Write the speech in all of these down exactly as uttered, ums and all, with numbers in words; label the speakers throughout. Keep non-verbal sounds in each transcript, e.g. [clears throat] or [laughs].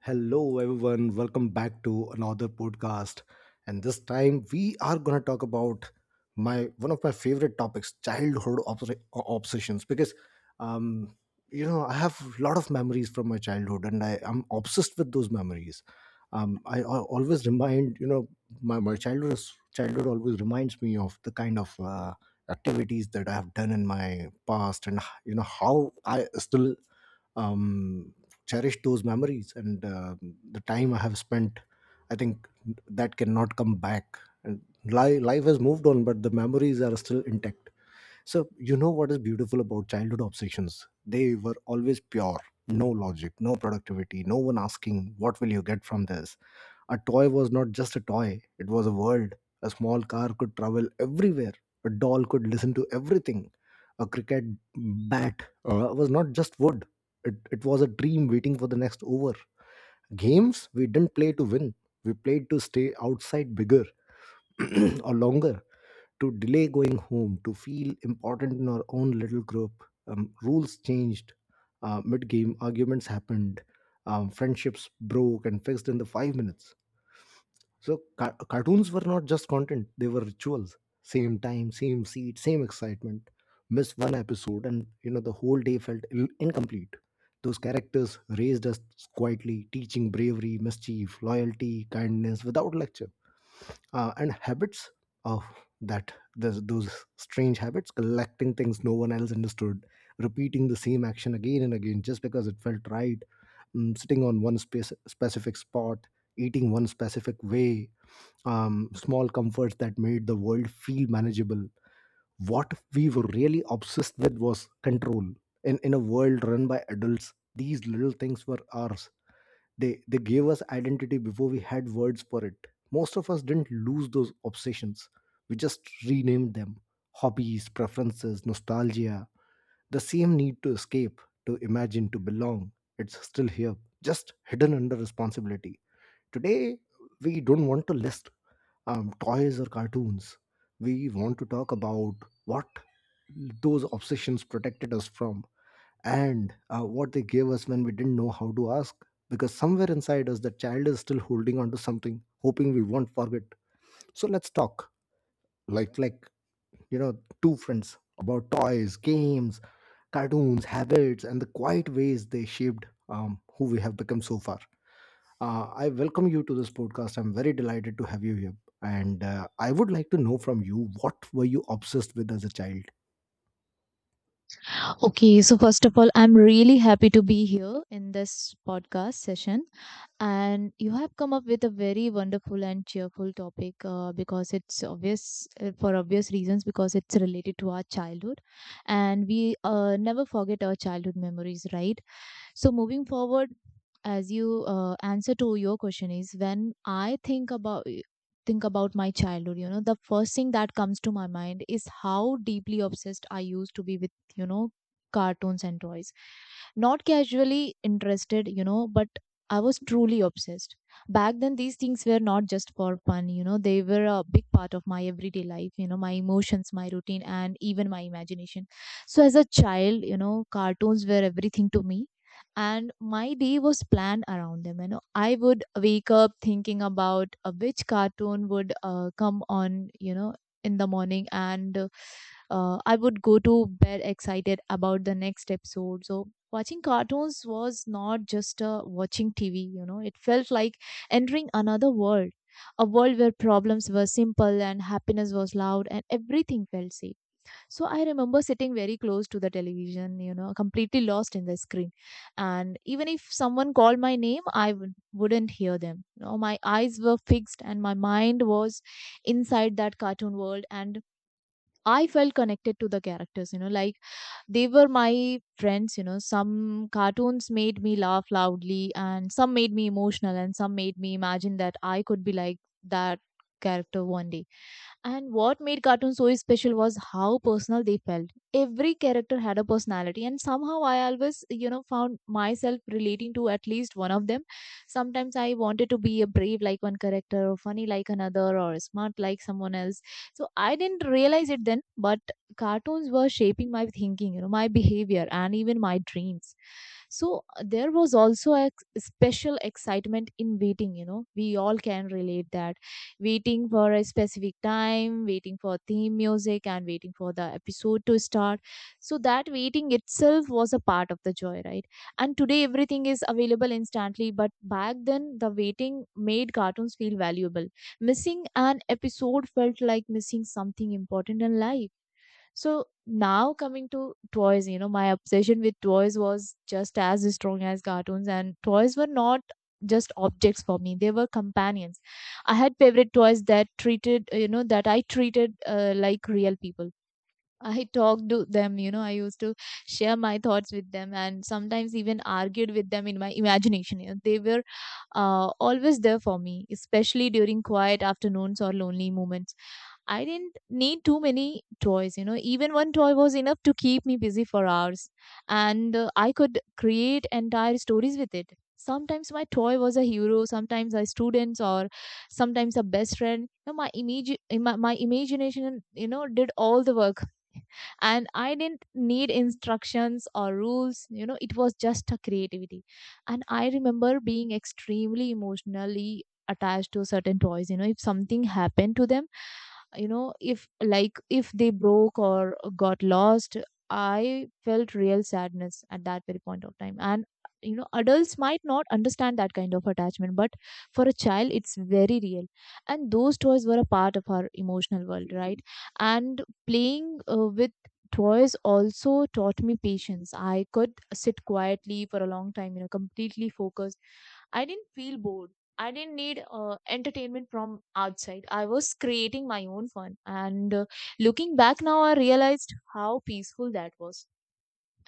Speaker 1: Hello, everyone. Welcome back to another podcast. And this time we are going to talk about my one of my favorite topics, childhood obs- obsessions. Because, um, you know, I have a lot of memories from my childhood, and I am obsessed with those memories. Um, I, al- always remind, you know, my my childhood is- childhood always reminds me of the kind of uh, activities that I have done in my past, and you know how I still um, cherish those memories and uh, the time I have spent. I think that cannot come back. And li- life has moved on, but the memories are still intact. So you know what is beautiful about childhood obsessions? They were always pure, no logic, no productivity, no one asking what will you get from this. A toy was not just a toy, it was a world. A small car could travel everywhere. A doll could listen to everything. A cricket bat uh, was not just wood, it, it was a dream waiting for the next over. Games, we didn't play to win, we played to stay outside bigger [clears throat] or longer, to delay going home, to feel important in our own little group. Um, rules changed, uh, mid game arguments happened, um, friendships broke and fixed in the five minutes. So ca- cartoons were not just content, they were rituals. Same time, same seat, same excitement. Miss one episode and you know the whole day felt Ill- incomplete. Those characters raised us quietly, teaching bravery, mischief, loyalty, kindness without lecture. Uh, and habits of that those, those strange habits, collecting things no one else understood, repeating the same action again and again just because it felt right, mm, sitting on one space, specific spot, eating one specific way, um, small comforts that made the world feel manageable. What we were really obsessed with was control. In in a world run by adults, these little things were ours. They they gave us identity before we had words for it. Most of us didn't lose those obsessions. We just renamed them. Hobbies, preferences, nostalgia, the same need to escape, to imagine, to belong. It's still here, just hidden under responsibility. Today, we don't want to list um, toys or cartoons. We want to talk about what those obsessions protected us from, and uh, what they gave us when we didn't know how to ask. Because somewhere inside us, the child is still holding on to something, hoping we won't forget. So let's talk like, like you know, two friends about toys, games, cartoons, habits, and the quiet ways they shaped um, who we have become so far. Uh, I welcome you to this podcast. I'm very delighted to have you here. And uh, I would like to know from you, what were you obsessed with as a child?
Speaker 2: Okay, so first of all, I'm really happy to be here in this podcast session. And you have come up with a very wonderful and cheerful topic uh, because it's obvious uh, for obvious reasons, because it's related to our childhood. And we uh, never forget our childhood memories, right? So moving forward, as you uh, answer to your question is, when I think about think about my childhood, you know, the first thing that comes to my mind is how deeply obsessed I used to be with you know, cartoons and toys. Not casually interested, you know, but I was truly obsessed. Back then, these things were not just for fun; you know, they were a big part of my everyday life, you know, my emotions, my routine, and even my imagination. So, as a child, you know, cartoons were everything to me, and my day was planned around them. You know I would wake up thinking about uh, which cartoon would uh, come on you know in the morning, and uh, uh, I would go to bed excited about the next episode. So watching cartoons was not just uh, watching TV. You know it felt like entering another world, a world where problems were simple and happiness was loud and everything felt safe. So I remember sitting very close to the television, you know, completely lost in the screen. And even if someone called my name, I w- wouldn't hear them. You know, my eyes were fixed and my mind was inside that cartoon world. And I felt connected to the characters, you know, like they were my friends. You know. Some cartoons made me laugh loudly, and some made me emotional, and some made me imagine that I could be like that character one day. And what made cartoons so special was how personal they felt. Every character had a personality, and somehow I always you know, found myself relating to at least one of them. Sometimes I wanted to be a brave like one character, or funny like another, or smart like someone else. So I didn't realize it then, but cartoons were shaping my thinking, you know my behavior, and even my dreams. So uh, there was also a special excitement in waiting. You know we all can relate that waiting for a specific time, waiting for theme music, and waiting for the episode to start. So that waiting itself was a part of the joy, right? And today everything is available instantly, but back then the waiting made cartoons feel valuable. Missing an episode felt like missing something important in life. So now coming to toys, you know, my obsession with toys was just as strong as cartoons, and toys were not just objects for me, they were companions. I had favorite toys that treated you know that I treated uh, like real people. I talked to them. You know I used to share my thoughts with them, and sometimes even argued with them in my imagination. You know, they were uh, always there for me, especially during quiet afternoons or lonely moments. I didn't need too many toys. You know. Even one toy was enough to keep me busy for hours, and uh, I could create entire stories with it. Sometimes my toy was a hero, sometimes a student, or sometimes a best friend. You know, my imagi my, my imagination you know, did all the work, and I didn't need instructions or rules. You know it was just a creativity. And I remember being extremely emotionally attached to certain toys. You know if something happened to them, you know if like if they broke or got lost, I felt real sadness at that very point of time. And you know adults might not understand that kind of attachment, but for a child it's very real. And those toys were a part of our emotional world, right? And playing uh, with toys also taught me patience. I could sit quietly for a long time, you know, completely focused. I didn't feel bored. I didn't need uh, entertainment from outside. I was creating my own fun. And uh, looking back now, I realized how peaceful that was.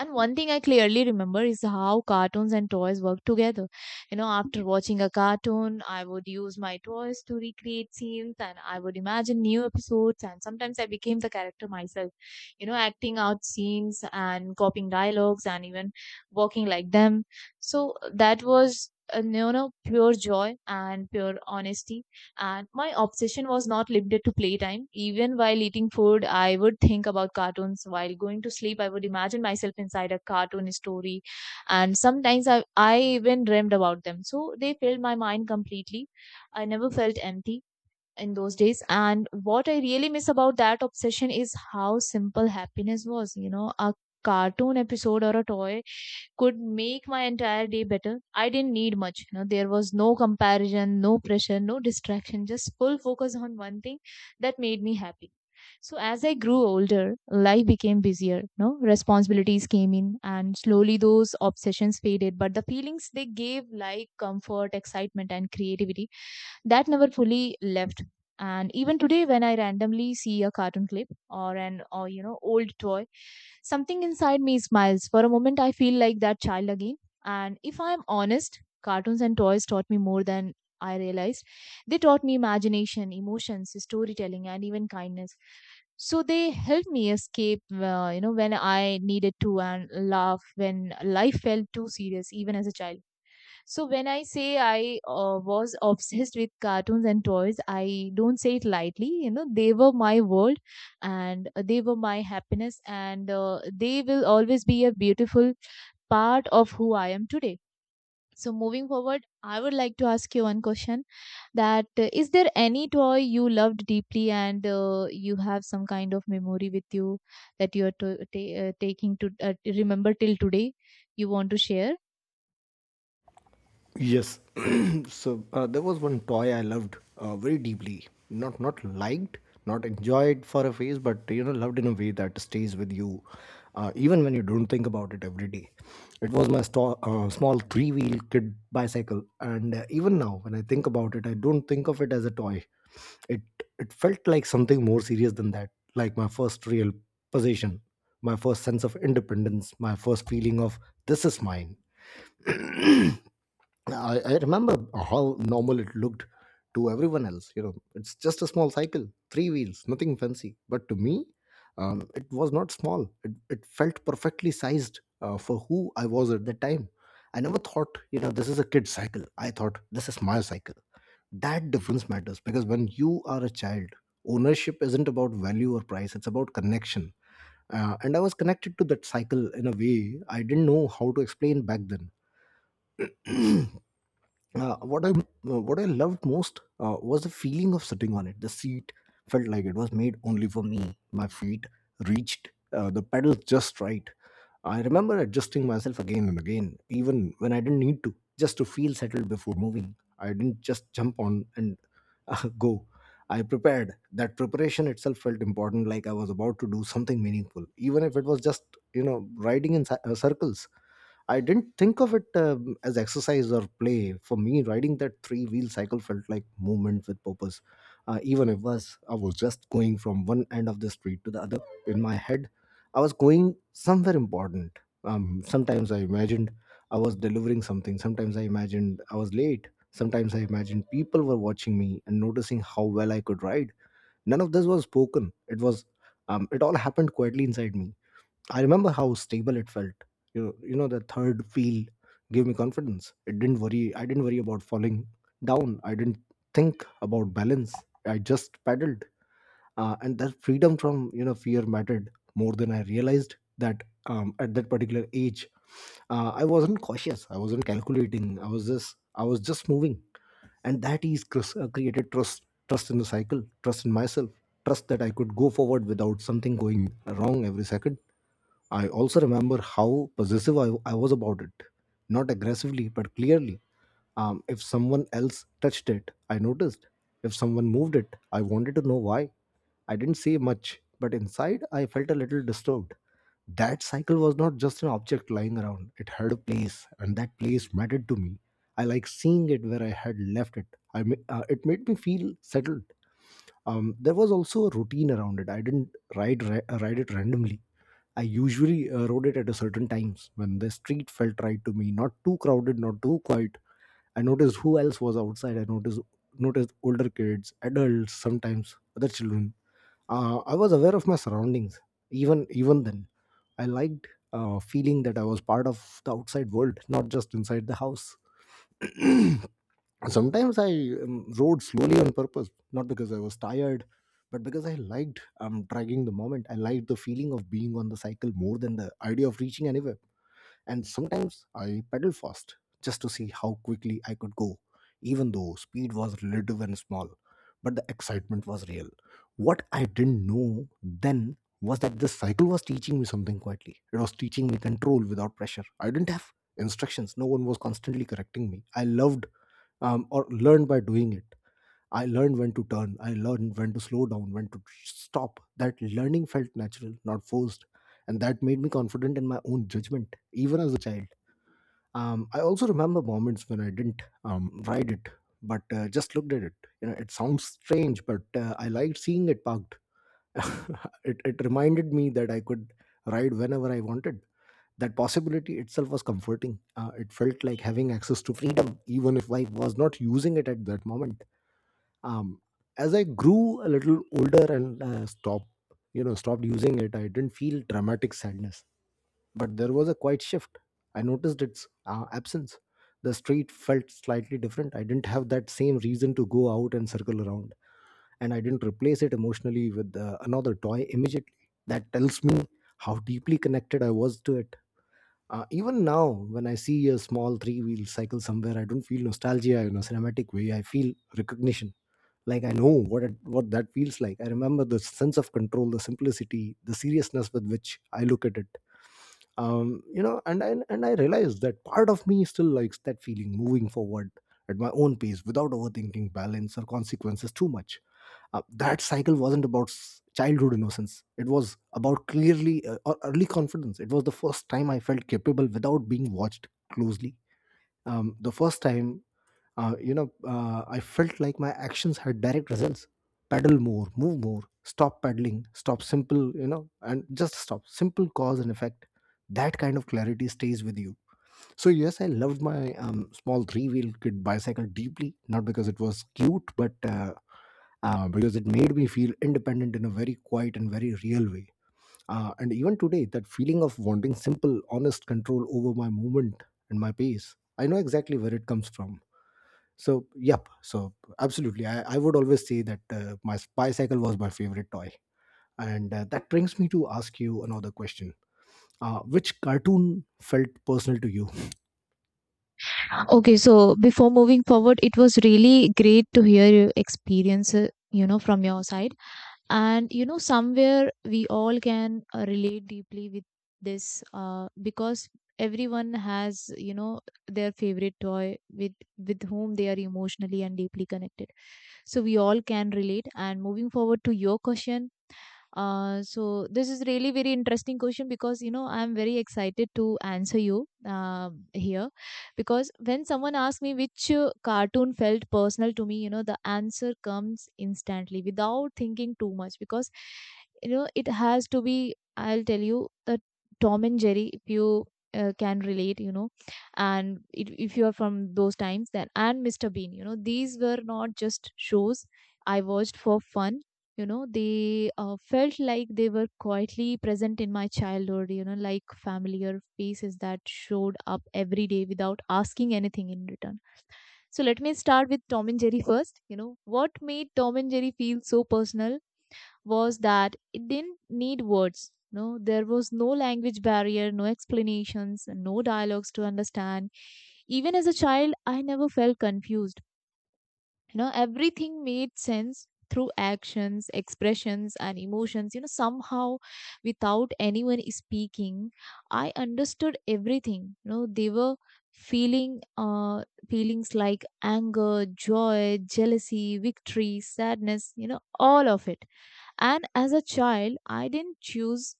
Speaker 2: And one thing I clearly remember is how cartoons and toys work together. You know, after watching a cartoon, I would use my toys to recreate scenes, and I would imagine new episodes. And sometimes I became the character myself, you know, acting out scenes and copying dialogues and even walking like them. So that was uh, you know, pure joy and pure honesty. And my obsession was not limited to playtime. Even while eating food, I would think about cartoons. While going to sleep, I would imagine myself inside a cartoon story. And sometimes I, I even dreamed about them. So they filled my mind completely. I never felt empty in those days. And what I really miss about that obsession is how simple happiness was. You know, a cartoon episode or a toy could make my entire day better. I didn't need much. You know, there was no comparison, no pressure, no distraction, just full focus on one thing that made me happy. So as I grew older, life became busier. No responsibilities came in, and slowly those obsessions faded. But the feelings they gave, like comfort, excitement, and creativity, that never fully left. And even today, when I randomly see a cartoon clip, or an or you know old toy, something inside me smiles for a moment. I feel like that child again. And if I am honest, cartoons and toys taught me more than I realized. They taught me imagination, emotions, storytelling, and even kindness. So they helped me escape uh, you know when I needed to, and laugh when life felt too serious, even as a child. So when I say I uh, was obsessed with cartoons and toys, I don't say it lightly. You know, they were my world, and they were my happiness, and uh, they will always be a beautiful part of who I am today. So moving forward, I would like to ask you one question: that uh, is there any toy you loved deeply, and uh, you have some kind of memory with you that you are to- ta- uh, taking to uh, remember till today? You want to share?
Speaker 1: Yes. [clears throat] so uh, there was one toy I loved uh, very deeply. Not not liked, not enjoyed for a phase, but you know loved in a way that stays with you, uh, even when you don't think about it every day. It was my sto- uh, small three-wheel kid bicycle, and uh, even now when I think about it, I don't think of it as a toy. It it felt like something more serious than that, like my first real possession, my first sense of independence, my first feeling of this is mine. I, I remember how normal it looked to everyone else. You know, it's just a small cycle, three wheels, nothing fancy. But to me, um, it was not small. It, it felt perfectly sized uh, for who I was at that time. I never thought, you know, this is a kid's cycle. I thought this is my cycle. That difference matters because when you are a child, ownership isn't about value or price, it's about connection. Uh, and I was connected to that cycle in a way I didn't know how to explain back then. [clears throat] Uh, what I uh, what I loved most uh, was the feeling of sitting on it. The seat felt like it was made only for me. My feet reached uh, the pedals just right. I remember adjusting myself again and again, even when I didn't need to, just to feel settled before moving. I didn't just jump on and [laughs] uh, go. I prepared. That preparation itself felt important, like I was about to do something meaningful, even if it was just you know riding in ci- uh, circles. I didn't think of it um, as exercise or play. For me, riding that three wheel cycle felt like movement with purpose. Uh, even if was I was just going from one end of the street to the other, in my head, I was going somewhere important. Um, sometimes I imagined I was delivering something. Sometimes I imagined I was late. Sometimes I imagined people were watching me and noticing how well I could ride. None of this was spoken. It was um, it all happened quietly inside me. I remember how stable it felt. You know, you know, the third wheel gave me confidence. It didn't worry. I didn't worry about falling down. I didn't think about balance. I just paddled, uh, and that freedom from you know fear mattered more than I realized that um, at that particular age. Uh, I wasn't cautious. I wasn't calculating. I was just I was just moving, and that is cr- uh, created trust, trust in the cycle, trust in myself, trust that I could go forward without something going wrong every second. I also remember how possessive i, I was about it, not aggressively but clearly. Um, if someone else touched it, I noticed. If someone moved it, I wanted to know why. I didn't say much, but inside I felt a little disturbed. That cycle was not just an object lying around. It had a place, and that place mattered to me. I like seeing it where I had left it. I ma- uh, it made me feel settled. Um, there was also a routine around it. I didn't ride ra- uh, ride it randomly. I usually uh, rode it at a certain times when the street felt right to me, not too crowded, not too quiet. I noticed who else was outside. I noticed noticed older kids, adults, sometimes other children. Uh, I was aware of my surroundings. Even even then, I liked uh, feeling that I was part of the outside world, not just inside the house. [clears throat] Sometimes I um, rode slowly on purpose, not because I was tired but because I liked um, dragging the moment. I liked the feeling of being on the cycle more than the idea of reaching anywhere. And sometimes I pedaled fast just to see how quickly I could go, even though speed was relative and small, but the excitement was real. What I didn't know then was that the cycle was teaching me something quietly. It was teaching me control without pressure. I didn't have instructions, no one was constantly correcting me. I loved um, or learn by doing it. I learned when to turn, I learned when to slow down, when to stop. That learning felt natural, not forced. And that made me confident in my own judgment, even as a child. Um, I also remember moments when I didn't um, ride it, but uh, just looked at it. You know, it sounds strange, but uh, I liked seeing it parked. [laughs] it, it reminded me that I could ride whenever I wanted. That possibility itself was comforting. Uh, it felt like having access to freedom, even if I was not using it at that moment. um, as I grew a little older and uh, stopped, you know, stopped using it I didn't feel dramatic sadness, but there was a quiet shift. I noticed its uh, absence. The street felt slightly different. I didn't have that same reason to go out and circle around, and I didn't replace it emotionally with uh, another toy immediately. That tells me how deeply connected I was to it. Uh, even now, when I see a small three wheel cycle somewhere, I don't feel nostalgia in a cinematic way. I feel recognition, like I know what it, what that feels like. I remember the sense of control, the simplicity, the seriousness with which I look at it. um you know, and i and i realized that part of me still likes that feeling, moving forward at my own pace without overthinking balance or consequences too much. Uh, that cycle wasn't about s- childhood innocence, it was about clearly uh, or early confidence. It was the first time I felt capable without being watched closely. Um, the first time, uh, you know, uh, I felt like my actions had direct results. Pedal more, move more, stop pedaling, stop simple, you know, and just stop. Simple cause and effect. That kind of clarity stays with you. So, yes, I loved my um, small three wheel kit bicycle deeply, not because it was cute, but uh, uh, because it made me feel independent in a very quiet and very real way. Uh, and even today, that feeling of wanting simple, honest control over my movement and my pace, I know exactly where it comes from. So, yep. So, absolutely. I, I would always say that uh, my s- bicycle was my favorite toy. And uh, that brings me to ask you another question. Uh, which cartoon felt personal to you?
Speaker 2: Okay, so before moving forward, it was really great to hear your experience uh, you know, from your side. And you know, somewhere we all can uh, relate deeply with this uh, because everyone has you know, their favorite toy with with whom they are emotionally and deeply connected. So we all can relate. And moving forward to your question, uh, so this is really very interesting question, because you know I am very excited to answer you uh, here, because when someone asks me which uh, cartoon felt personal to me, you know the answer comes instantly without thinking too much, because you know it has to be. I'll tell you the Tom and Jerry, if you uh, can relate, you know, and if if you are from those times, then and Mister Bean. You know, these were not just shows I watched for fun. You know they uh, felt like they were quietly present in my childhood, you know like familiar faces that showed up every day without asking anything in return. So let me start with Tom and Jerry first. You know what made Tom and Jerry feel so personal was that it didn't need words. No there was no language barrier, no explanations, no dialogues to understand. Even as a child, I never felt confused. You know everything made sense through actions, expressions, and emotions. You know somehow, without anyone speaking, I understood everything. You know they were feeling uh feelings like anger, joy, jealousy, victory, sadness, you know all of it. And as a child, I didn't choose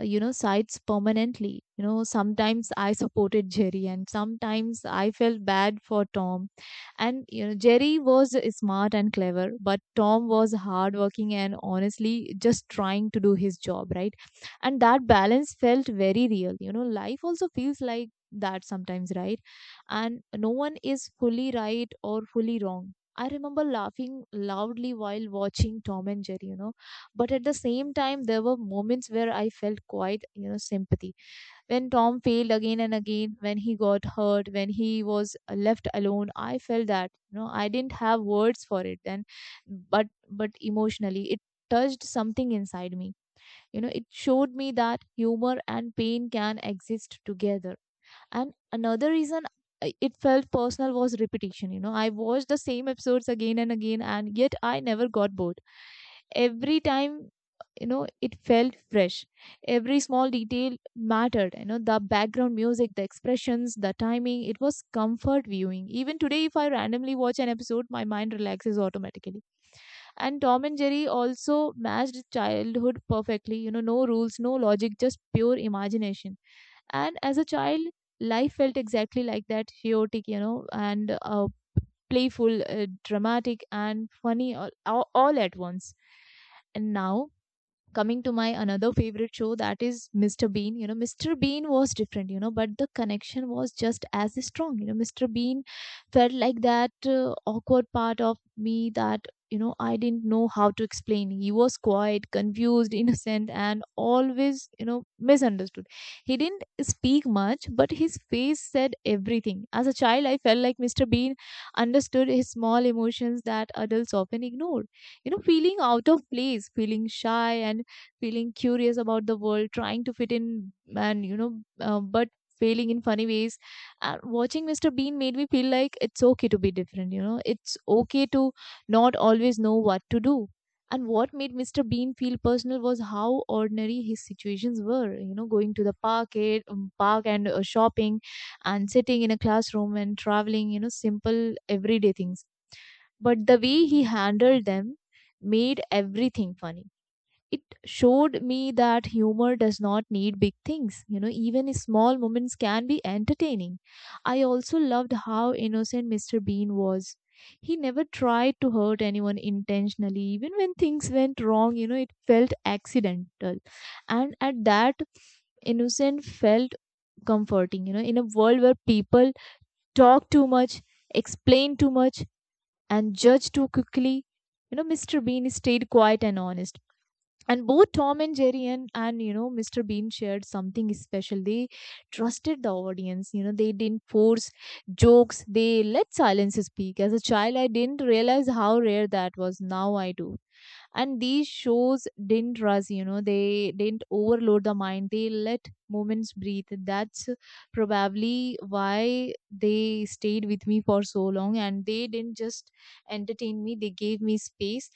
Speaker 2: uh, you know sides permanently. You know sometimes I supported Jerry, and sometimes I felt bad for Tom. And you know jerry was smart and clever, but Tom was hardworking and honestly just trying to do his job, right? And that balance felt very real. You know life also feels like that sometimes, right? And no one is fully right or fully wrong. I remember laughing loudly while watching Tom and Jerry, you know but at the same time there were moments where I felt quite you know sympathy. When Tom failed again and again, when he got hurt, when he was uh, left alone, I felt that. You know I didn't have words for it then, but but emotionally it touched something inside me. You know it showed me that humor and pain can exist together. And another reason I- it felt personal was repetition. You know I watched the same episodes again and again, and yet I never got bored. Every time, you know it felt fresh. Every small detail mattered. You know the background music, the expressions, the timing. It was comfort viewing. Even today if I randomly watch an episode my mind relaxes automatically. And Tom and Jerry also matched childhood perfectly, you know no rules, no logic, just pure imagination. And as a child life felt exactly like that, chaotic, you know and uh, playful, uh, dramatic and funny all, all all at once. And now coming to my another favorite show, that is Mr. Bean. You know mr. Bean was different, you know but the connection was just as strong. You know mr. Bean felt like that uh, awkward part of me that, you know, I didn't know how to explain. He was quiet, confused, [laughs] innocent and always, you know, misunderstood. He didn't speak much but his face said everything. As a child I felt like Mr. Bean understood his small emotions that adults often ignore, you know, feeling out of place, feeling shy and feeling curious about the world, trying to fit in, and you know, uh, but failing in funny ways. And watching mister Bean made me feel like it's okay to be different, you know, it's okay to not always know what to do. And what made mister Bean feel personal was how ordinary his situations were. You know, going to the park, eh, um, park and uh, shopping, and sitting in a classroom and traveling. You know, simple everyday things. But the way he handled them made everything funny. It showed me that humor does not need big things. You know, even small moments can be entertaining. I also loved how innocent Mr. Bean was. He never tried to hurt anyone intentionally. Even when things went wrong, you know, it felt accidental. And at that, innocent felt comforting, you know, in a world where people talk too much, explain too much and judge too quickly. You know, Mr. Bean stayed quiet and honest. And both Tom and Jerry and and you know mister Bean shared something special. They trusted the audience. You know, they didn't force jokes. They let silence speak. As a child, I didn't realize how rare that was. Now I do. And these shows didn't rush. You know, they didn't overload the mind, they let moments breathe. That's probably why they stayed with me for so long. And they didn't just entertain me, they gave me space.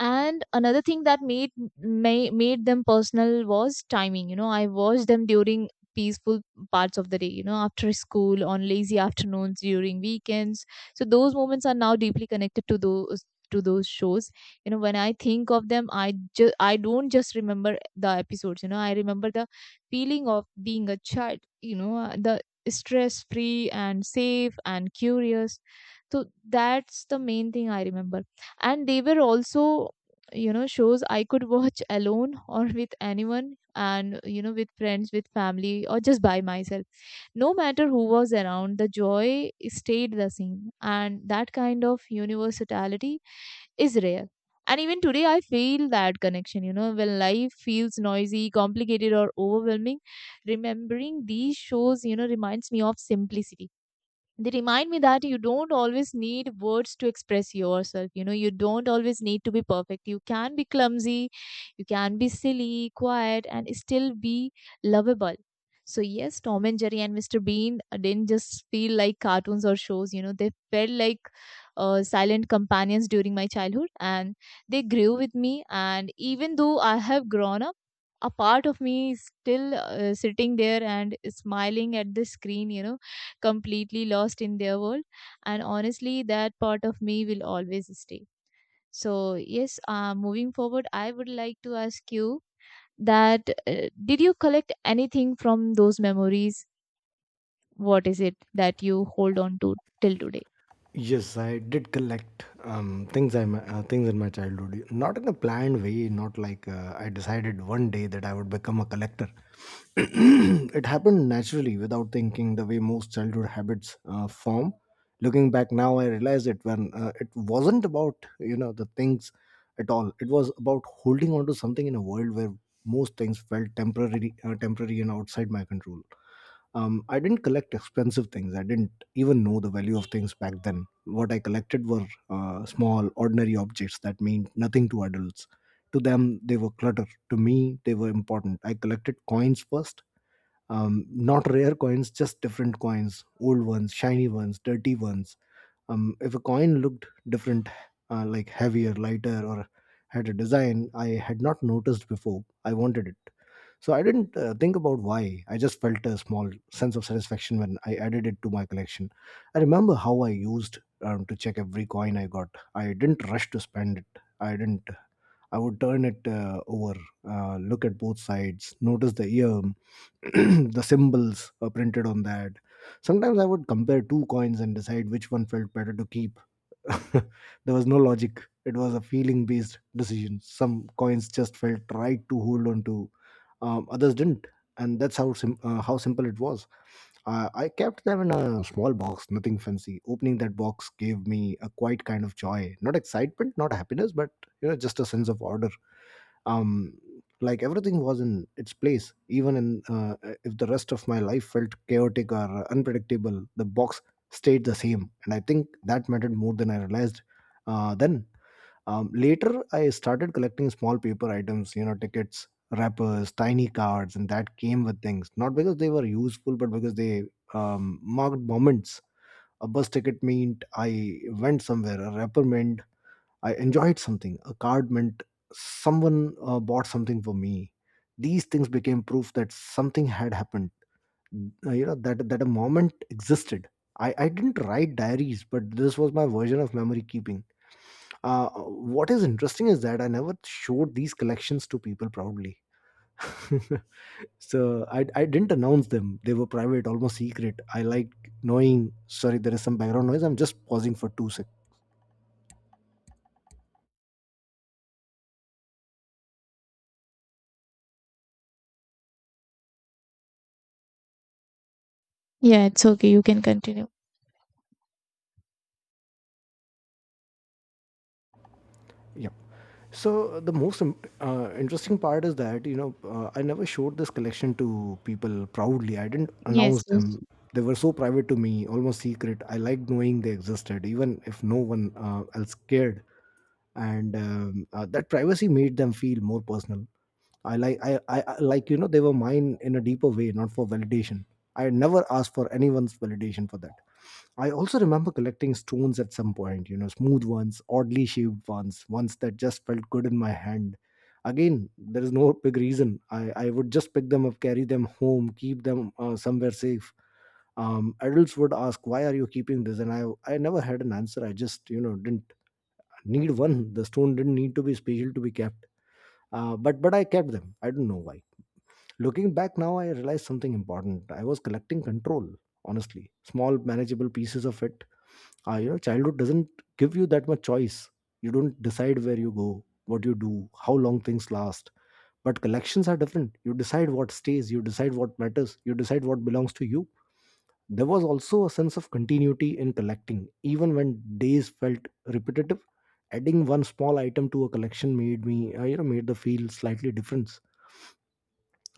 Speaker 2: And another thing that made may, made them personal was timing. You know, I watched them during peaceful parts of the day, you know, after school, on lazy afternoons, during weekends. So those moments are now deeply connected to those to those shows. You know, when I think of them I just I don't just remember the episodes. You know, I remember the feeling of being a child, you know uh, the stress free and safe and curious. So that's the main thing I remember. And they were also, you know, shows I could watch alone [laughs] or with anyone, and you know, with friends, with family or just by myself. No matter who was around, the joy stayed the same. And that kind of universality is rare. And even today, I feel that connection. You know, when life feels noisy, complicated, or overwhelming, remembering these shows, you know, reminds me of simplicity. They remind me that you don't always need words to express yourself. You know, you don't always need to be perfect. You can be clumsy, you can be silly, quiet and still be lovable. So yes, Tom and Jerry and Mr. Bean didn't just feel like cartoons or shows. You know, they felt like uh, silent companions during my childhood. And they grew with me. And even though I have grown up, a part of me is still uh, sitting there and smiling at the screen, you know, completely lost in their world. And honestly, that part of me will always stay. So, yes, uh, moving forward, I would like to ask you that uh, did you collect anything from those memories? What is it that you hold on to till today?
Speaker 1: Yes, I did collect um, things I my- uh, things in my childhood. Not in a planned way. Not like uh, I decided one day that I would become a collector. [clears throat] It happened naturally, without thinking. The way most childhood habits uh, form. Looking back now, I realize it when uh, it wasn't about you know the things at all. It was about holding on to something in a world where most things felt temporary, uh, temporary and outside my control. um, I didn't collect expensive things. I didn't even know the value of things back then. What I collected were uh, small, ordinary objects that meant nothing to adults. To them, they were clutter. To me, they were important. I collected coins first. Um, not rare coins, just different coins, old ones, shiny ones, dirty ones. Um, if a coin looked different, uh, like heavier, lighter, or had a design I had not noticed before, I wanted it. So I didn't uh, think about why. I just felt a small sense of satisfaction when I added it to my collection. I remember how I used um, to check every coin I got. I didn't rush to spend it. I didn't. I would turn it uh, over, uh, look at both sides, notice the year, [clears throat] the symbols are printed on that. Sometimes I would compare two coins and decide which one felt better to keep. [laughs] There was no logic. It was a feeling based decision. Some coins just felt right to hold on to, um, others didn't. And that's how, sim- uh, how simple it was. Uh, I kept them in a small box, nothing fancy. Opening that box gave me a quiet kind of joy. Not excitement, not happiness, but you know, just a sense of order, um like everything was in its place, even in uh, if the rest of my life felt chaotic or unpredictable, the box stayed the same, and I think that mattered more than I realized. Uh, then um, Later I started collecting small paper items, you know, tickets, wrappers, tiny cards, and that came with things, not because they were useful but because they, um, marked moments. A bus ticket meant I went somewhere, a wrapper meant I enjoyed something. A card meant someone uh, bought something for me. These things became proof that something had happened. Uh, you know, that that a moment existed. I, I didn't write diaries, but this was my version of memory keeping. Uh, what is interesting is that I never showed these collections to people proudly. [laughs] So I, I didn't announce them. They were private, almost secret. I like knowing. Sorry, there is some background noise. I'm just pausing for two seconds.
Speaker 2: Yeah, it's okay. You can continue.
Speaker 1: Yeah, so uh, the most im- uh, interesting part is that you know uh, I never showed this collection to people proudly, I didn't announce
Speaker 2: Yes, yes,
Speaker 1: them. They were so private to me, almost secret. I liked knowing they existed even if no one uh, else cared. And um, uh, that privacy made them feel more personal. I like I, I I- like you know they were mine in a deeper way, not for validation. I never asked for anyone's validation for that. I also remember collecting stones at some point, you know, smooth ones, oddly shaped ones, ones that just felt good in my hand. Again, there is no big reason. I, I would just pick them up, carry them home, keep them uh, somewhere safe. Um, adults would ask, why are you keeping this? And I, I never had an answer. I just, you know, didn't need one. The stone didn't need to be special to be kept. Uh, but, but I kept them. I don't know why. Looking back now, I realized something important. I was collecting control, honestly. Small, manageable pieces of it. Uh, you know, childhood doesn't give you that much choice. You don't decide where you go, what you do, how long things last, but collections are different. You decide what stays, you decide what matters, you decide what belongs to you. There was also a sense of continuity in collecting. Even when days felt repetitive, adding one small item to a collection made me uh, you know made the feel slightly different.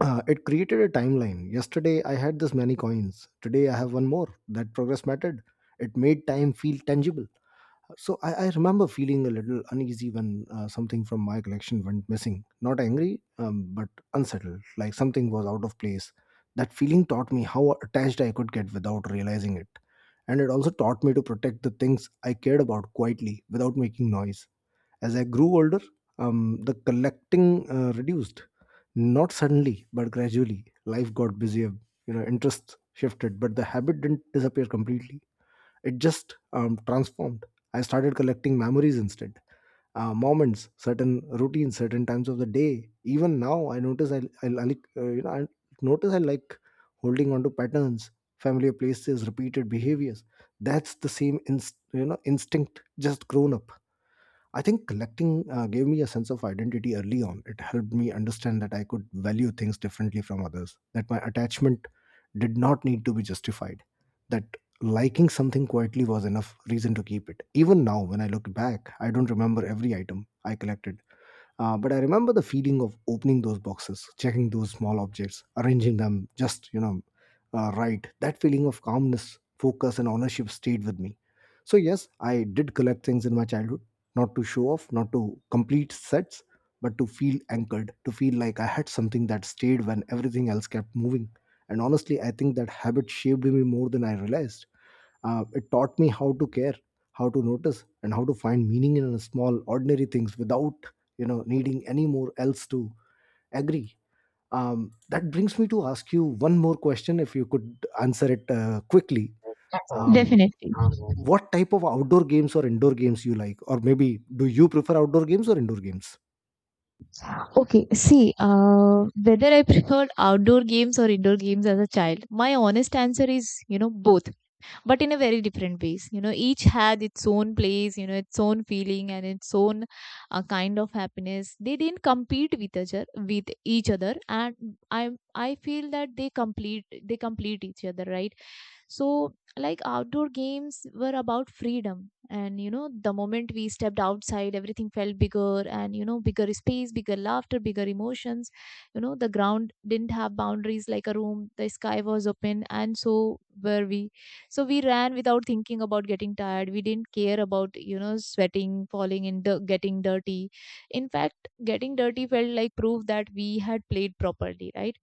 Speaker 1: uh, It created a timeline. Yesterday I had this many coins, today I have one more. That progress mattered. It made time feel tangible. So I, I remember feeling a little uneasy when uh, something from my collection went missing. Not angry, um, but unsettled, like something was out of place. That feeling taught me how attached I could get without realizing it. And it also taught me to protect the things I cared about quietly without making noise. As I grew older, um, the collecting uh, reduced. Not suddenly, but gradually. Life got busier, you know, interests shifted, but the habit didn't disappear completely. It just um, transformed. I started collecting memories instead. Uh, moments, certain routines, certain times of the day. Even now, I notice I, I like uh, you know I notice I like holding on to patterns, familiar places, repeated behaviors. That's the same inst- you know instinct, just grown up. I think collecting uh, gave me a sense of identity early on. It helped me understand that I could value things differently from others, that my attachment did not need to be justified, that liking something quietly was enough reason to keep it. Even now, when I look back, I don't remember every item I collected, uh, but I remember the feeling of opening those boxes, checking those small objects, arranging them just, you know, uh, right. That feeling of calmness, focus, and ownership stayed with me. So, yes, I did collect things in my childhood, not to show off, not to complete sets, but to feel anchored, to feel like I had something that stayed when everything else kept moving. And honestly, I think that habit shaped me more than I realized. Uh, it taught me how to care, how to notice, and how to find meaning in small, ordinary things without, you know, needing any more else to agree. Um, that brings me to ask you one more question. If you could answer it uh, quickly, um,
Speaker 2: definitely.
Speaker 1: what type of outdoor games or indoor games you like, or maybe do you prefer outdoor games or indoor games?
Speaker 2: Okay, see, uh, whether I preferred outdoor games or indoor games as a child, my honest answer is, you know, both. But in a very different ways. You know, each had its own place, you know, its own feeling and its own uh, kind of happiness. They didn't compete with each other with each other and i i feel that they complete they complete each other, right? So, like, outdoor games were about freedom. And, you know, the moment we stepped outside, everything felt bigger, and, you know, bigger space, bigger laughter, bigger emotions. You know, the ground didn't have boundaries like a room, the sky was open, and so were we. So, we ran without thinking about getting tired. We didn't care about, you know, sweating, falling in the getting dirty. In fact, getting dirty felt like proof that we had played properly, right?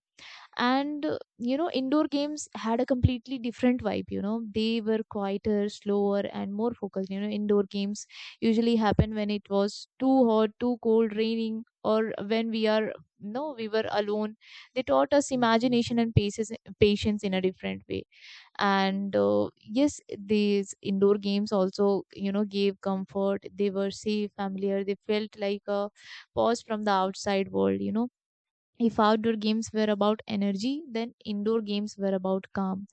Speaker 2: and uh, You know, indoor games had a completely different vibe. You know, they were quieter, slower and more focused. You know, indoor games usually happen when it was too hot, too cold, raining, or when we are, no, we were alone. They taught us imagination and paces, patience in a different way. And uh, yes, these indoor games also, you know, gave comfort. They were safe, familiar. They felt like a pause from the outside world. You know, if outdoor games were about energy, then indoor games were about calm.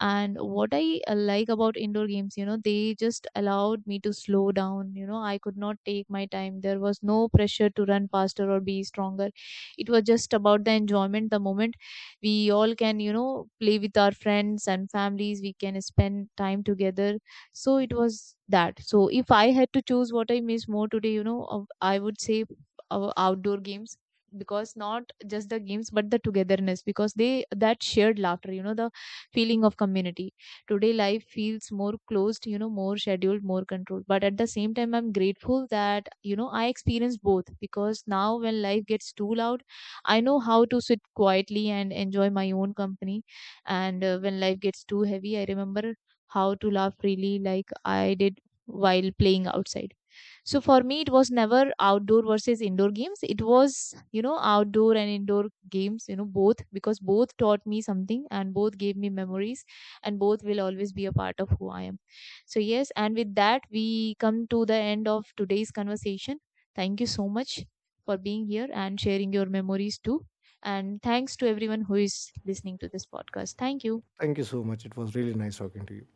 Speaker 2: And what I uh, like about indoor games, you know, they just allowed me to slow down. You know, I could not take my time. There was no pressure to run faster or be stronger. It was just about the enjoyment, the moment. We all can, you know, play with our friends and families. We can spend time together. So it was that. So if I had to choose what I miss more today, you know, uh, I would say uh, outdoor games, because not just the games but the togetherness, because they that shared laughter, you know, the feeling of community. Today life feels more closed, you know, more scheduled, more controlled. But at the same time I'm grateful that, you know, I experienced both. Because now when life gets too loud I know how to sit quietly and enjoy my own company. And uh, when life gets too heavy I remember how to laugh freely like I did while playing outside. So for me it was never outdoor versus indoor games, it was, you know, outdoor and indoor games, you know, both, because both taught me something and both gave me memories, and both will always be a part of who I am. So yes, and with that we come to the end of today's conversation. Thank you so much for being here and sharing your memories too. And thanks to everyone who is listening to this podcast. Thank you.
Speaker 1: Thank you so much. It was really nice talking to you.